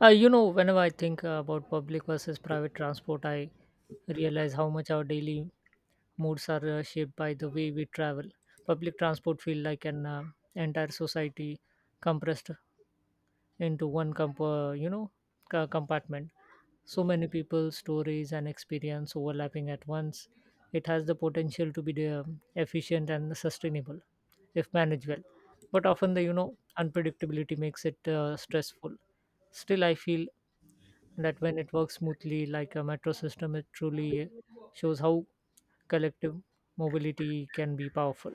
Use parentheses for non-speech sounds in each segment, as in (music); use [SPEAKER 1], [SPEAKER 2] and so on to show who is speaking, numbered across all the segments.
[SPEAKER 1] Whenever I think about public versus private transport, I realize how much our daily moods are shaped by the way we travel. Public transport feel like an entire society compressed into one compartment. So many people, stories, and experience overlapping at once. It has the potential to be efficient and sustainable if managed well. But often the unpredictability makes it stressful. Still, I feel that when it works smoothly like a metro system, it truly shows how collective mobility can be powerful.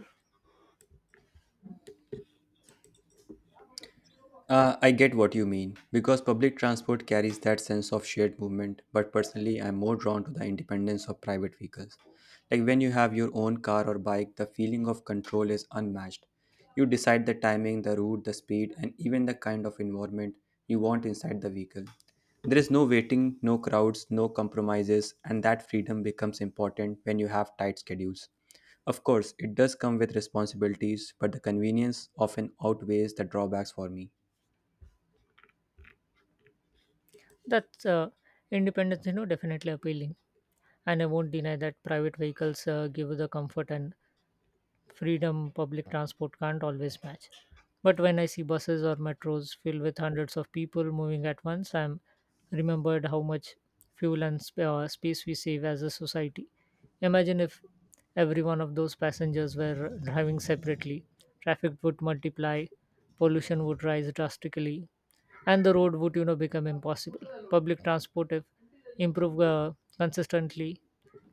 [SPEAKER 2] I get what you mean, because public transport carries that sense of shared movement, but personally, I'm more drawn to the independence of private vehicles. Like when you have your own car or bike, the feeling of control is unmatched. You decide the timing, the route, the speed, and even the kind of environment you want inside the vehicle. There is no waiting, no crowds, no compromises, and that freedom becomes important when you have tight schedules. Of course, it does come with responsibilities, but the convenience often outweighs the drawbacks for me.
[SPEAKER 1] That's independence, definitely appealing, and I won't deny that private vehicles give you the comfort and freedom public transport can't always match. But when I see buses or metros filled with hundreds of people moving at once, I'm remembered how much fuel and space we save as a society. Imagine if every one of those passengers were driving separately, traffic would multiply, pollution would rise drastically, and the road would become impossible. Public transport, if improved consistently,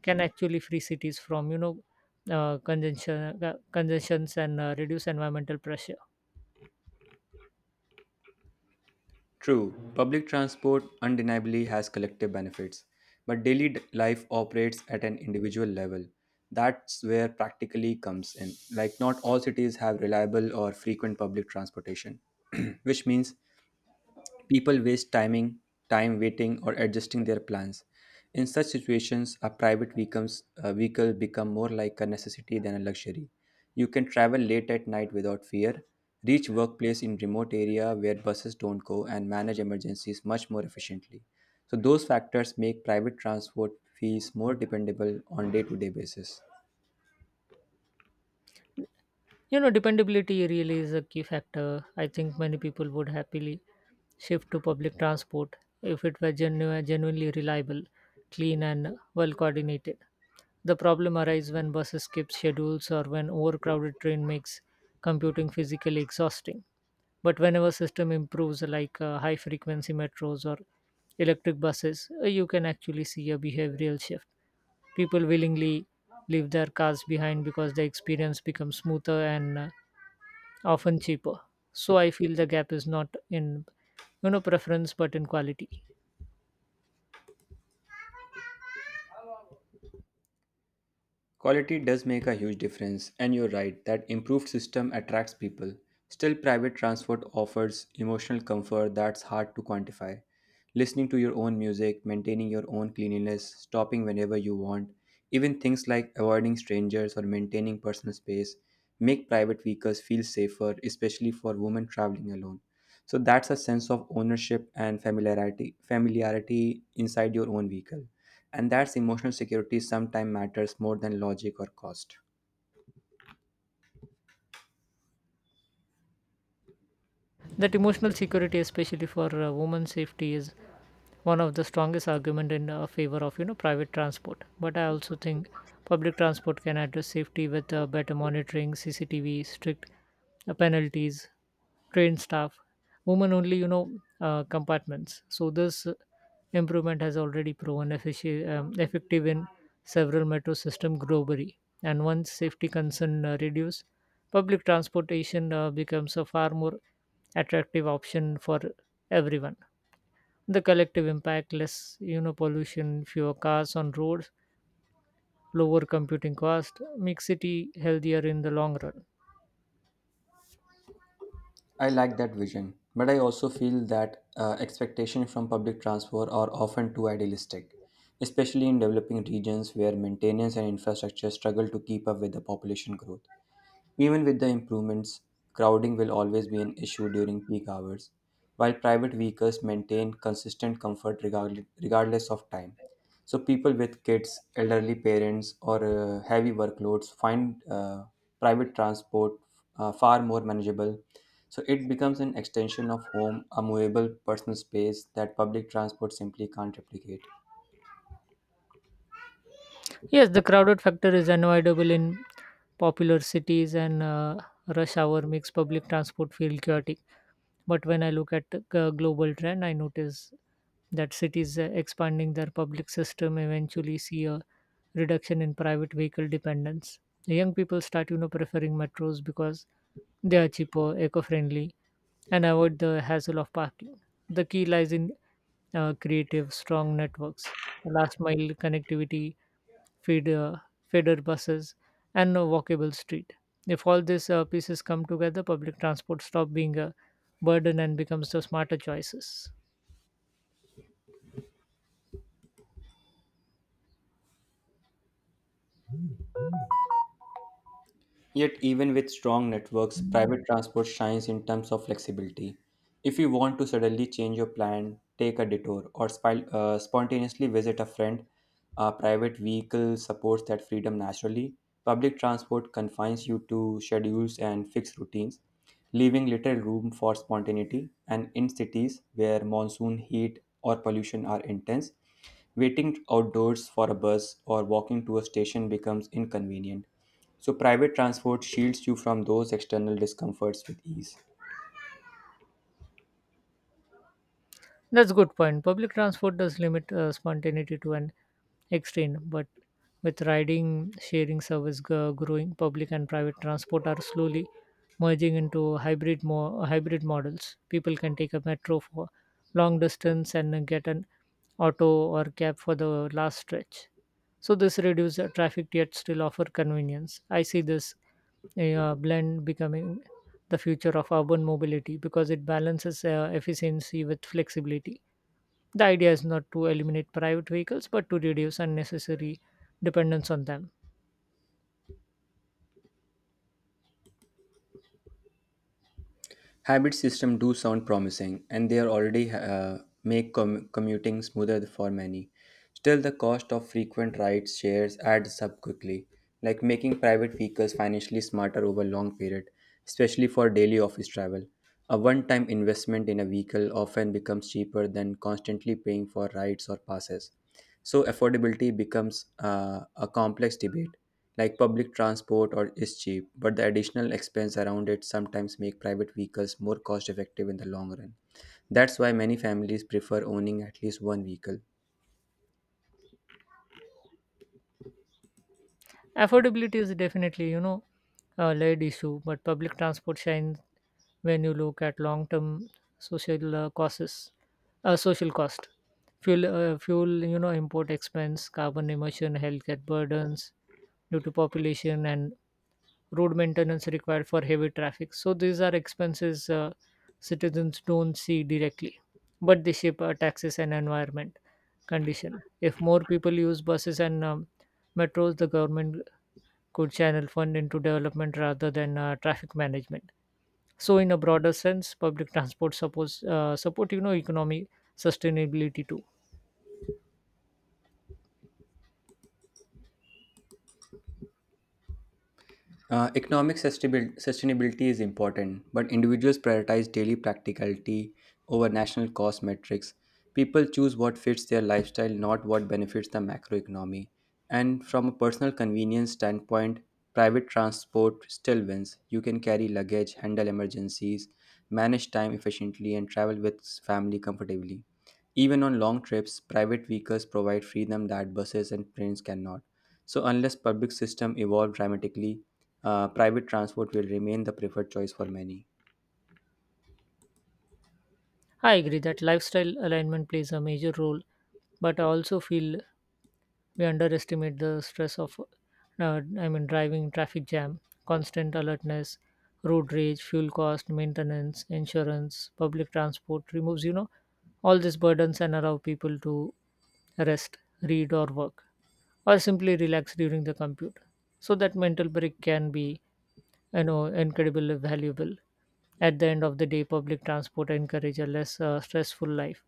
[SPEAKER 1] can actually free cities from consumptions and reduce environmental pressure.
[SPEAKER 2] True, public transport undeniably has collective benefits, but life operates at an individual level. That's where practically comes in. Like, not all cities have reliable or frequent public transportation, (clears throat) which means People waste timing, time waiting or adjusting their plans. In such situations, a vehicle become more like a necessity than a luxury. You can travel late at night without fear, reach workplace in remote area where buses don't go and manage emergencies much more efficiently. So those factors make private transport fees more dependable on day-to-day basis.
[SPEAKER 1] You know, dependability really is a key factor. I think many people would happily shift to public transport if it were genuinely reliable, clean, and well coordinated. The problem arises when buses skip schedules or when overcrowded train makes computing physically exhausting. But whenever system improves, like high frequency metros or electric buses, you can actually see a behavioral shift. People willingly leave their cars behind because the experience becomes smoother and often cheaper. So I feel the gap is not in preference but in quality.
[SPEAKER 2] Quality does make a huge difference, and you're right that improved system attracts people. Still, private transport offers emotional comfort that's hard to quantify. Listening to your own music, maintaining your own cleanliness, stopping whenever you want, even things like avoiding strangers or maintaining personal space make private vehicles feel safer, especially for women traveling alone. So that's a sense of ownership and familiarity inside your own vehicle. And that's emotional security sometimes matters more than logic or cost.
[SPEAKER 1] That emotional security, especially for women's safety, is one of the strongest argument in favor of private transport, but I also think public transport can address safety with better monitoring, CCTV, strict penalties, trained staff, women only, compartments. So this improvement has already proven effective in several metro system globally, and once safety concern reduce, public transportation becomes a far more attractive option for everyone. The collective impact, less pollution, fewer cars on roads, lower computing cost, make city healthier in the long run.
[SPEAKER 2] I like that vision, but I also feel that expectations from public transport are often too idealistic, especially in developing regions where maintenance and infrastructure struggle to keep up with the population growth. Even with the improvements, crowding will always be an issue during peak hours, while private vehicles maintain consistent comfort regardless of time. So, people with kids, elderly parents, or heavy workloads find private transport far more manageable. So, it becomes an extension of home, a movable personal space that public transport simply can't replicate.
[SPEAKER 1] Yes, the crowded factor is unavoidable in popular cities, and rush hour makes public transport feel chaotic. But when I look at the global trend, I notice that cities expanding their public system eventually see a reduction in private vehicle dependence. The young people start, you know, preferring metros because they are cheaper, eco-friendly, and avoid the hassle of parking. The key lies in creative, strong networks, last mile connectivity, feeder, feeder buses, and a walkable street. If all these pieces come together, public transport stop being a burden and becomes the smarter choices.
[SPEAKER 2] Yet, even with strong networks, private transport shines in terms of flexibility. If you want to suddenly change your plan, take a detour, or spontaneously visit a friend, a private vehicle supports that freedom naturally. Public transport confines you to schedules and fixed routines, leaving little room for spontaneity. And in cities where monsoon, heat, or pollution are intense, waiting outdoors for a bus or walking to a station becomes inconvenient, so private transport shields you from those external discomforts with ease.
[SPEAKER 1] That's good point. Public transport does limit spontaneity to an extent, but with riding, sharing service growing, public and private transport are slowly merging into hybrid models. People can take a metro for long distance and get an auto or cab for the last stretch. So this reduces the traffic yet still offer convenience. I see this blend becoming the future of urban mobility because it balances efficiency with flexibility. The idea is not to eliminate private vehicles but to reduce unnecessary dependence on them.
[SPEAKER 2] Hybrid systems do sound promising, and they are already commuting smoother for many. Still, the cost of frequent rides shares adds up quickly, like making private vehicles financially smarter over long period, especially for daily office travel. A one-time investment in a vehicle often becomes cheaper than constantly paying for rides or passes. So affordability becomes a complex debate, like public transport or is cheap but the additional expense around it sometimes make private vehicles more cost effective in the long run. That's why many families prefer owning at least one vehicle.
[SPEAKER 1] Affordability is definitely, you know, a layered issue, but public transport shines when you look at long-term social uh, costs, social cost, fuel, you know, import expense, carbon emission, healthcare burdens due to population and road maintenance required for heavy traffic. So these are expenses citizens don't see directly, but they shape taxes and environment condition. If more people use buses and metros, the government could channel fund into development rather than traffic management. So in a broader sense, public transport supports support you know economy sustainability too.
[SPEAKER 2] Economic sustainability is important, but individuals prioritize daily practicality over national cost metrics. People choose what fits their lifestyle, not what benefits the macroeconomy. And from a personal convenience standpoint, private transport still wins. You can carry luggage, handle emergencies, manage time efficiently, and travel with family comfortably. Even on long trips, private vehicles provide freedom that buses and trains cannot. So, unless public system evolve dramatically, private transport will remain the preferred choice for many.
[SPEAKER 1] I agree that lifestyle alignment plays a major role, but I also feel we underestimate the stress of, driving traffic jam, constant alertness, road rage, fuel cost, maintenance, insurance. Public transport removes, you know, all these burdens and allow people to rest, read, or work, or simply relax during the compute. So that mental break can be incredibly valuable. At the end of the day, public transport encourage a less stressful life,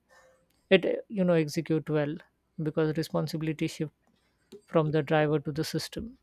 [SPEAKER 1] it execute well, because responsibility shift from the driver to the system.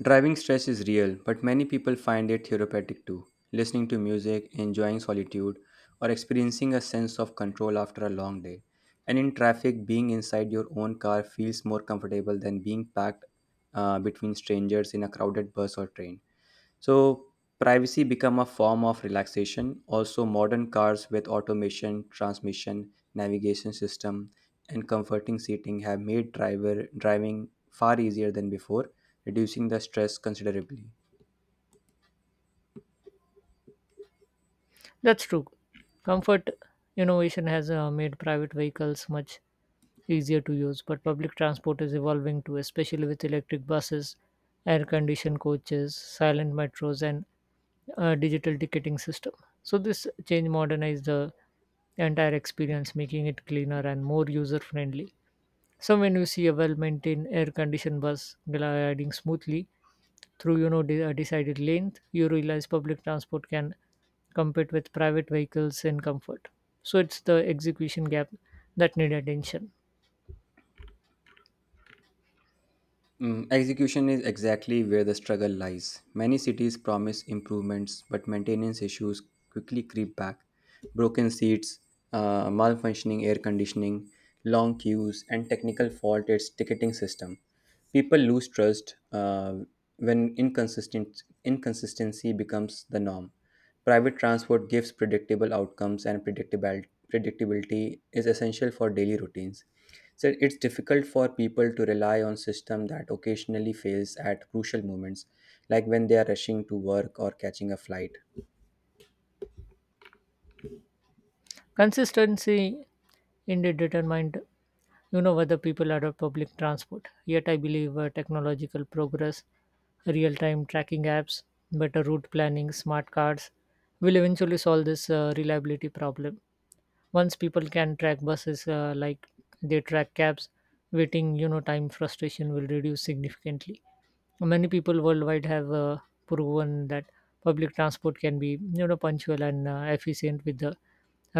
[SPEAKER 2] Driving stress is real, but many people find it therapeutic too. Listening to music, enjoying solitude, or experiencing a sense of control after a long day. And in traffic, being inside your own car feels more comfortable than being packed between strangers in a crowded bus or train. So privacy become a form of relaxation. Also modern cars with automation, transmission, navigation system and comforting seating have made driver driving far easier than before, reducing the stress considerably.
[SPEAKER 1] That's true. Comfort innovation has made private vehicles much easier to use, but public transport is evolving too, especially with electric buses, air conditioned coaches, silent metros, and digital ticketing system. So, this change modernized the entire experience, making it cleaner and more user friendly. So when you see a well-maintained air-conditioned bus gliding smoothly through, you know, a decided length, you realize public transport can compete with private vehicles in comfort. So it's the execution gap that need attention.
[SPEAKER 2] Mm, execution is exactly where the struggle lies. Many cities promise improvements, but maintenance issues quickly creep back. Broken seats, malfunctioning air conditioning, long queues, and technical fault its ticketing system. People lose trust when inconsistent inconsistency becomes the norm. Private transport gives predictable outcomes, and predictable predictability is essential for daily routines. So it's difficult for people to rely on system that occasionally fails at crucial moments, like when they are rushing to work or catching a flight.
[SPEAKER 1] Consistency indeed determined, you know, whether people adopt public transport. Yet I believe technological progress, real-time tracking apps, better route planning, smart cars will eventually solve this reliability problem. Once people can track buses like they track cabs, waiting time frustration will reduce significantly. Many people worldwide have proven that public transport can be punctual and efficient with the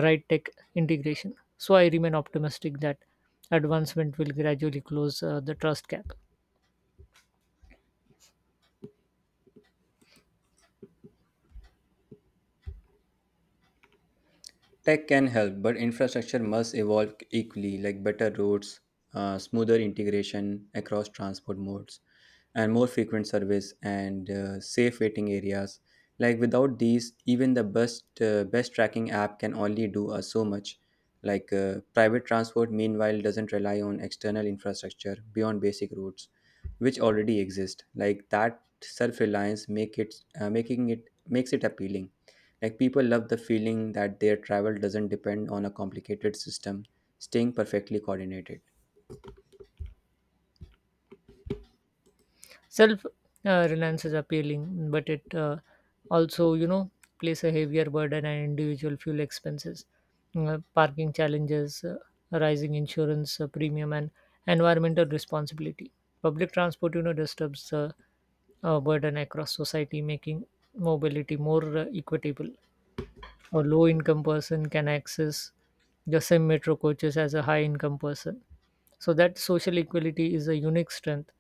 [SPEAKER 1] right tech integration. So I remain optimistic that advancement will gradually close the trust gap.
[SPEAKER 2] Tech can help, but infrastructure must evolve equally, like better roads, smoother integration across transport modes, and more frequent service and safe waiting areas. Like without these, even the best tracking app can only do so much. Like private transport, meanwhile, doesn't rely on external infrastructure beyond basic routes, which already exist. Like that self-reliance uh, making it makes it appealing, like people love the feeling that their travel doesn't depend on a complicated system, staying perfectly coordinated.
[SPEAKER 1] Self reliance is appealing, but it also, you know, place a heavier burden on individual fuel expenses, parking challenges, rising insurance premium, and environmental responsibility. Public transport, you know, disturbs the burden across society, making mobility more equitable. A low income person can access the same metro coaches as a high income person, so that social equality is a unique strength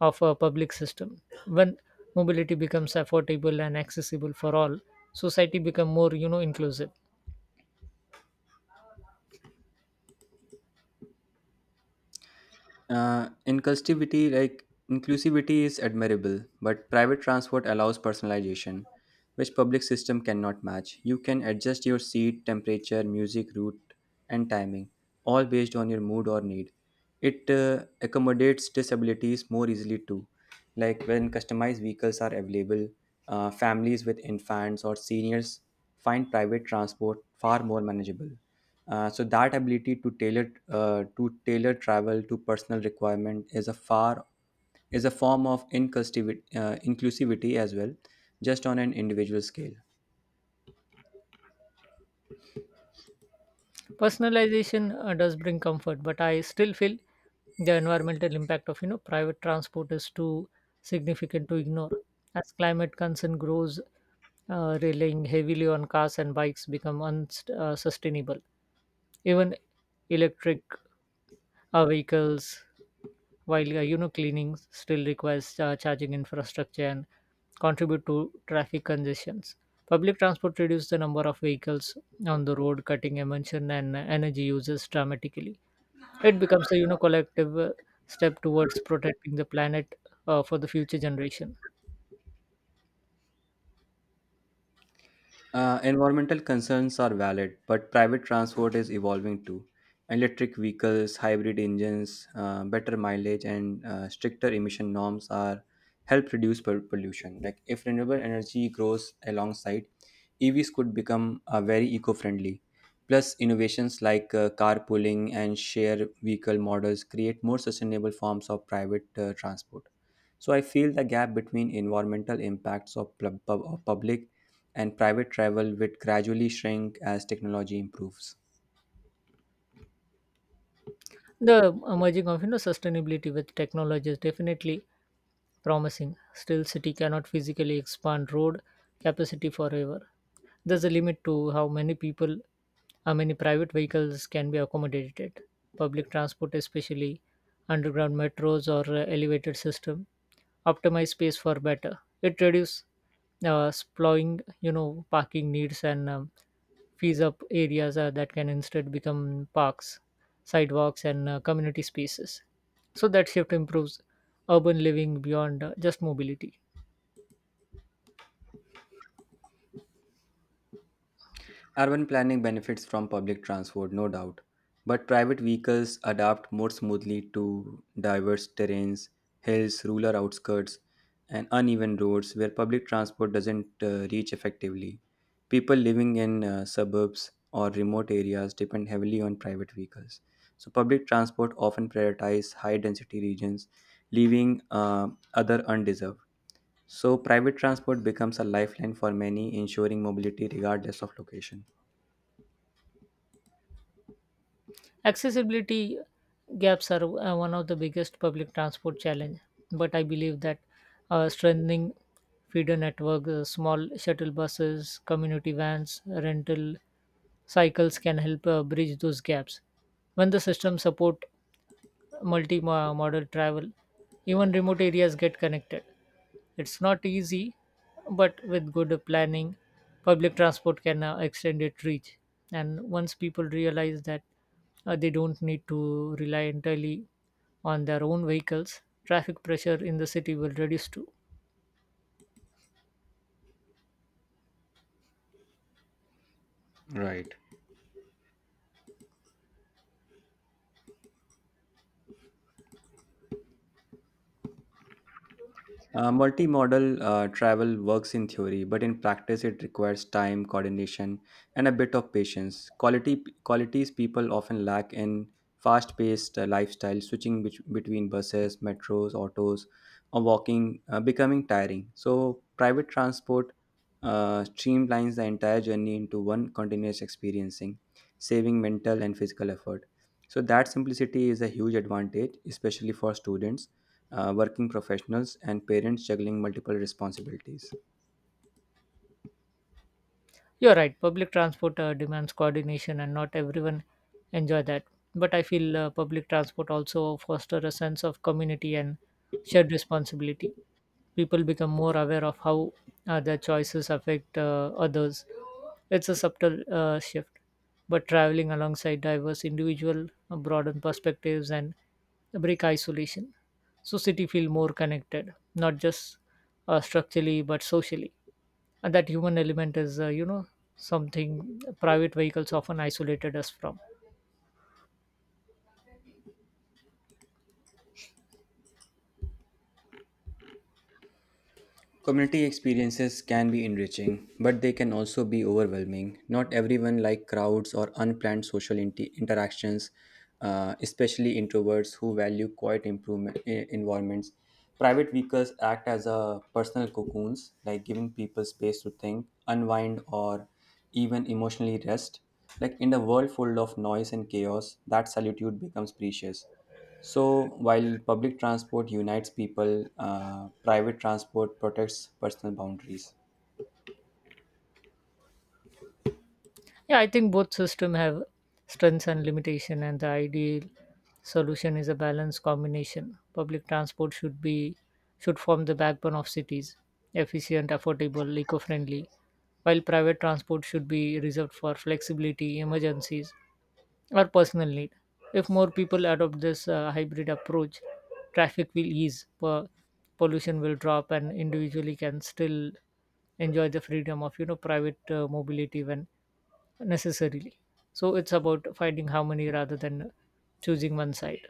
[SPEAKER 1] of a public system. When mobility becomes affordable and accessible for all, society become more inclusive.
[SPEAKER 2] Inclusivity is admirable, but private transport allows personalization, which public system cannot match. You can adjust your seat, temperature, music, route, and timing, all based on your mood or need. It accommodates disabilities more easily too, like when customized vehicles are available. Families with infants or seniors find private transport far more manageable. So that ability to tailor travel to personal requirement is a form of inclusivity as well, just on an individual scale.
[SPEAKER 1] Personalization does bring comfort, but I still feel the environmental impact of private transport is too significant to ignore. As climate concern grows, relying heavily on cars and bikes become unsustainable. Even electric vehicles, while cleaning, still requires charging infrastructure and contribute to traffic congestions. Public transport reduces the number of vehicles on the road, cutting emission and energy uses dramatically. It becomes a collective step towards protecting the planet for the future generation.
[SPEAKER 2] Environmental concerns are valid, but private transport is evolving too. Electric vehicles, hybrid engines, better mileage, and stricter emission norms are help reduce pollution. Like if renewable energy grows alongside, EVs could become very eco-friendly. Plus, innovations like carpooling and share vehicle models create more sustainable forms of private transport. So I feel the gap between environmental impacts of public and private travel would gradually shrink as technology improves.
[SPEAKER 1] The emerging of sustainability with technology is definitely promising. Still, city cannot physically expand road capacity forever. There's a limit to how many people, how many private vehicles can be accommodated. Public transport, especially underground metros or elevated system, optimize space for better. It reduces sploying, you know, parking needs and fees up areas that can instead become parks, sidewalks, and community spaces. So that shift improves urban living beyond just mobility.
[SPEAKER 2] Urban planning benefits from public transport, no doubt, but private vehicles adapt more smoothly to diverse terrains, hills, rural outskirts, and uneven roads where public transport doesn't reach effectively. People living in suburbs or remote areas depend heavily on private vehicles. So, public transport often prioritizes high density regions, leaving other undeserved. So, private transport becomes a lifeline for many, ensuring mobility regardless of location.
[SPEAKER 1] Accessibility gaps are one of the biggest public transport challenge, but I believe that strengthening feeder network, small shuttle buses, community vans, rental cycles can help bridge those gaps. When the system support multi-modal travel, even remote areas get connected. It's not easy, but with good planning, public transport can extend its reach. And once people realize that they don't need to rely entirely on their own vehicles, traffic pressure in the city will reduce too.
[SPEAKER 2] Right. Multimodal travel works in theory, but in practice, it requires time, coordination, and a bit of patience. Quality Qualities people often lack in fast-paced lifestyle, switching between buses, metros, autos, or walking, becoming tiring. So, private transport streamlines the entire journey into one continuous experiencing, saving mental and physical effort. So, that simplicity is a huge advantage, especially for students, working professionals, and parents juggling multiple responsibilities.
[SPEAKER 1] You're right. Public transport demands coordination, and not everyone enjoy that. But I feel public transport also foster a sense of community and shared responsibility. People become more aware of how their choices affect others. It's a subtle shift, but traveling alongside diverse individual broaden perspectives and break isolation. So city feel more connected, not just structurally but socially, and that human element is something private vehicles often isolated us from.
[SPEAKER 2] Community experiences can be enriching, but they can also be overwhelming. Not everyone like crowds or unplanned social interactions, especially introverts who value quiet environments. Private vehicles act as a personal cocoons, like giving people space to think, unwind, or even emotionally rest. Like in the world full of noise and chaos, that solitude becomes precious. So, while public transport unites people, private transport protects personal boundaries.
[SPEAKER 1] Yeah, I think both system have strengths and limitation, and the ideal solution is a balanced combination. Public transport should form the backbone of cities, efficient, affordable, eco-friendly, while private transport should be reserved for flexibility, emergencies, or personal need. If more people adopt this hybrid approach, traffic will ease, pollution will drop, and individually can still enjoy the freedom of private mobility when necessarily. So it's about finding harmony rather than choosing one side.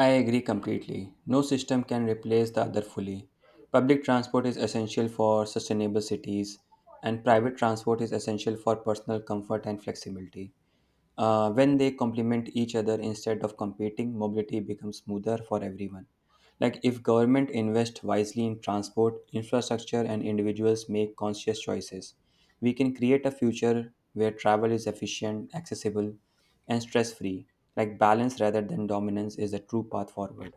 [SPEAKER 2] I agree completely. No system can replace the other fully. Public transport is essential for sustainable cities, and private transport is essential for personal comfort and flexibility. When they complement each other instead of competing, mobility becomes smoother for everyone. Like if government invest wisely in transport, infrastructure, and individuals make conscious choices, we can create a future where travel is efficient, accessible, and stress-free. Like balance rather than dominance is the true path forward.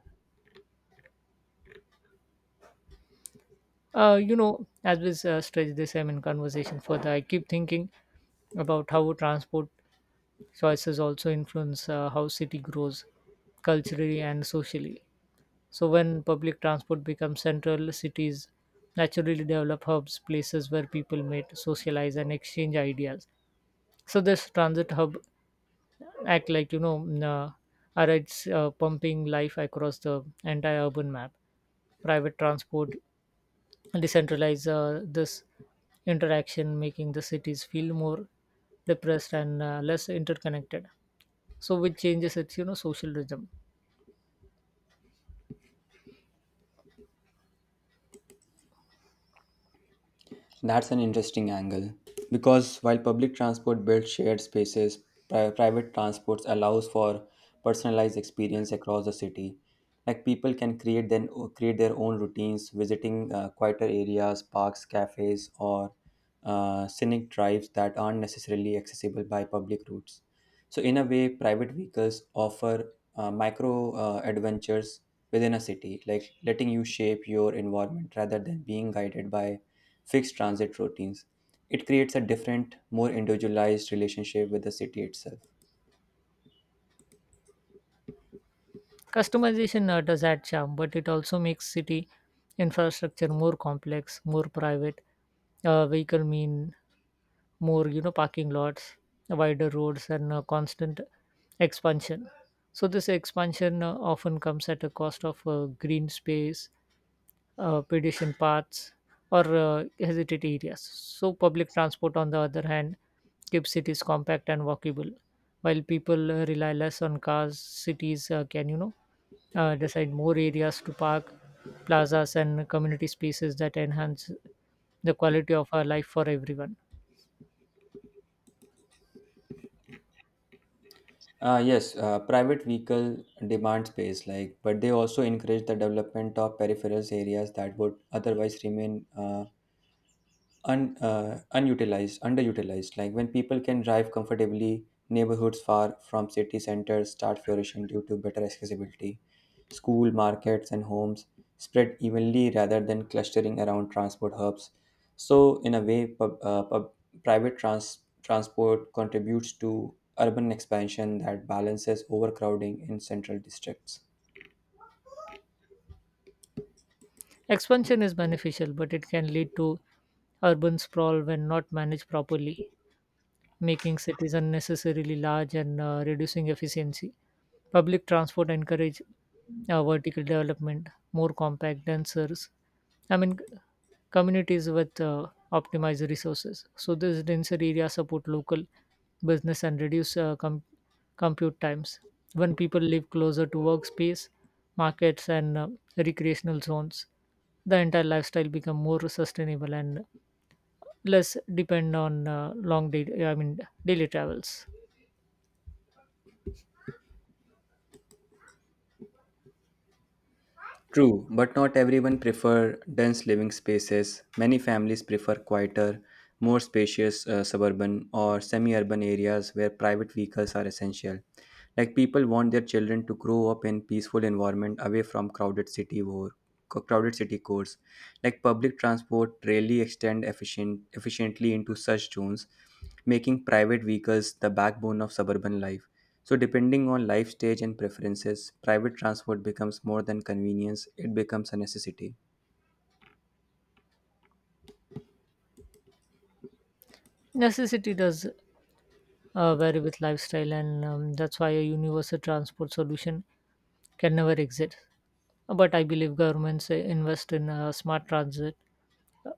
[SPEAKER 1] As we stretch this conversation further, I keep thinking about how transport choices also influence how city grows culturally and socially. So when public transport becomes central, cities naturally develop hubs, places where people meet, socialize, and exchange ideas. So this transit hub act like arrives pumping life across the entire urban map. Private transport decentralize this interaction, making the cities feel more depressed and less interconnected. So which changes its social rhythm.
[SPEAKER 2] That's an interesting angle because while public transport builds shared spaces, private transport allows for personalized experience across the city. Like people can create then create their own routines, visiting quieter areas, parks, cafes, or scenic drives that aren't necessarily accessible by public routes. So in a way, private vehicles offer micro adventures within a city, like letting you shape your environment rather than being guided by fixed transit routines. It creates a different, more individualized relationship with the city itself.
[SPEAKER 1] Customization does add charm, but it also makes city infrastructure more complex, more private. Vehicle mean more, parking lots, wider roads, and constant expansion. So this expansion often comes at a cost of green space, pedestrian paths, or hesitate areas. So, public transport, on the other hand, keeps cities compact and walkable. While people rely less on cars, cities can, decide more areas to park, plazas, and community spaces that enhance the quality of our life for everyone.
[SPEAKER 2] Yes, private vehicle demand space, like, but they also encourage the development of peripheral areas that would otherwise remain underutilized. Like when people can drive comfortably, neighborhoods far from city centers start flourishing due to better accessibility. School, markets, and homes spread evenly rather than clustering around transport hubs. So, in a way, transport contributes to urban expansion that balances overcrowding in central districts.
[SPEAKER 1] Expansion is beneficial, but it can lead to urban sprawl when not managed properly, making cities unnecessarily large and reducing efficiency. Public transport encourage vertical development, more compact, denser. I mean, c- Communities with optimized resources. So this denser area support local business and reduce compute times. When people live closer to workspace, markets, and recreational zones, the entire lifestyle become more sustainable and less depend on long day I mean daily travels.
[SPEAKER 2] True, but not everyone prefer dense living spaces. Many families prefer quieter, more spacious suburban or semi-urban areas where private vehicles are essential. Like people want their children to grow up in peaceful environment away from crowded city cores. Like public transport rarely extend efficiently into such zones, making private vehicles the backbone of suburban life. So, depending on life stage and preferences, private transport becomes more than convenience, it becomes a necessity.
[SPEAKER 1] Necessity does vary with lifestyle and that's why a universal transport solution can never exist, but I believe governments invest in smart transit uh,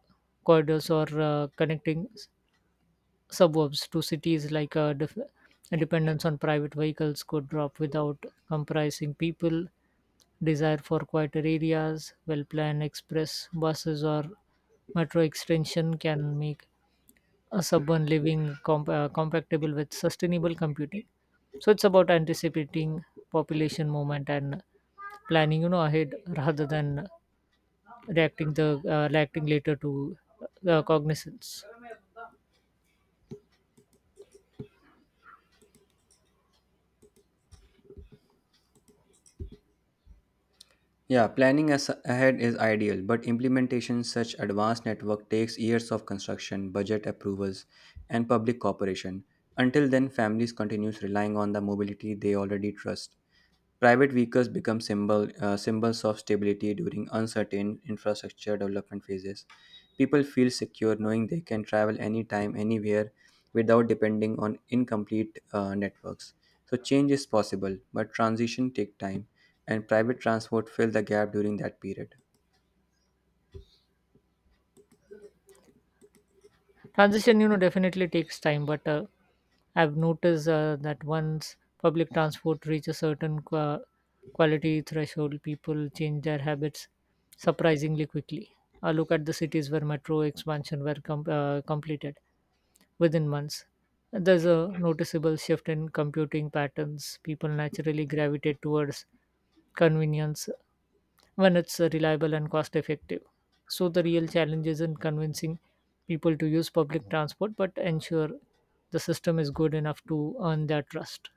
[SPEAKER 1] corridors or connecting suburbs to cities like a dependence on private vehicles could drop without comprising people desire for quieter areas. Well planned express buses or metro extension can make a suburban living compatible with sustainable computing. So it's about anticipating population movement and planning, ahead rather than reacting later to cognizance.
[SPEAKER 2] Yeah, planning as ahead is ideal, but implementation such advanced network takes years of construction, budget approvals, and public cooperation. Until then, families continues relying on the mobility they already trust. Private vehicles become symbols of stability during uncertain infrastructure development phases. People feel secure knowing they can travel anytime, anywhere without depending on incomplete networks. So, change is possible, but transition take time, and private transport fill the gap during that period.
[SPEAKER 1] Transition, definitely takes time, but I've noticed that once public transport reaches a certain quality threshold, people change their habits surprisingly quickly. Look at the cities where metro expansion were completed within months. There's a noticeable shift in computing patterns. People naturally gravitate towards convenience when it's reliable and cost effective. So the real challenge isn't convincing people to use public transport, but ensure the system is good enough to earn their trust.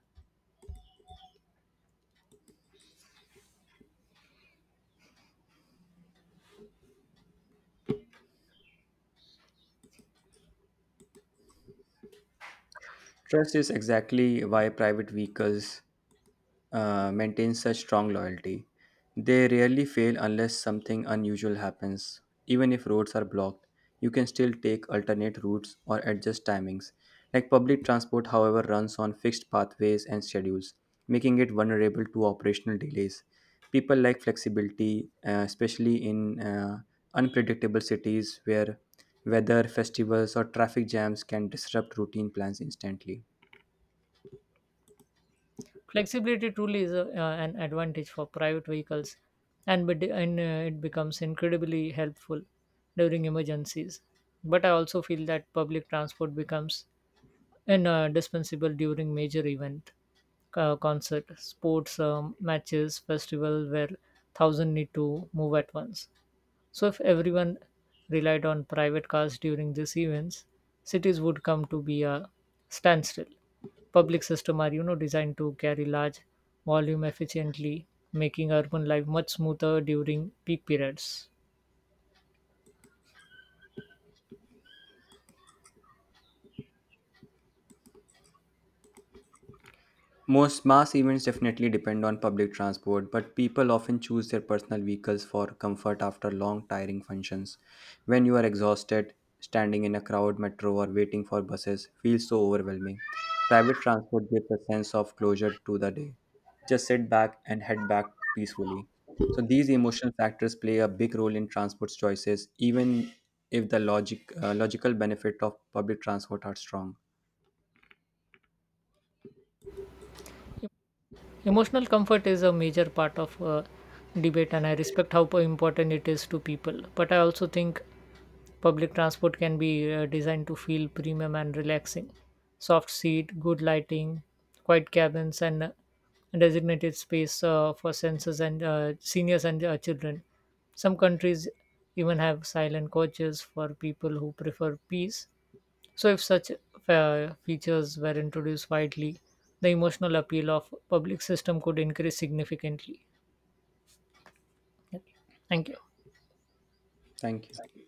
[SPEAKER 2] Trust is exactly why private vehicles maintain such strong loyalty. They rarely fail unless something unusual happens. Even if roads are blocked, you can still take alternate routes or adjust timings. Like public transport, however, runs on fixed pathways and schedules, making it vulnerable to operational delays. People like flexibility, especially in unpredictable cities where weather, festivals, or traffic jams can disrupt routine plans instantly.
[SPEAKER 1] Flexibility truly is a, an advantage for private vehicles, and it becomes incredibly helpful during emergencies. But I also feel that public transport becomes indispensable during major event, concert, sports matches, festival where thousand need to move at once. So, if everyone relied on private cars during these events, cities would come to be a standstill. Public systems are, designed to carry large volume efficiently, making urban life much smoother during peak periods.
[SPEAKER 2] Most mass events definitely depend on public transport, but people often choose their personal vehicles for comfort after long, tiring functions. When you are exhausted, standing in a crowd, metro, or waiting for buses feels so overwhelming. Private transport gives a sense of closure to the day. Just sit back and head back peacefully. So, these emotional factors play a big role in transport choices, even if the logical benefit of public transport are strong.
[SPEAKER 1] Emotional comfort is a major part of debate, and I respect how important it is to people. But I also think public transport can be designed to feel premium and relaxing. Soft seat, good lighting, quiet cabins, and designated space for seniors and seniors and children. Some countries even have silent coaches for people who prefer peace. So, if such features were introduced widely, the emotional appeal of public system could increase significantly. Okay. Thank you.
[SPEAKER 2] Thank you.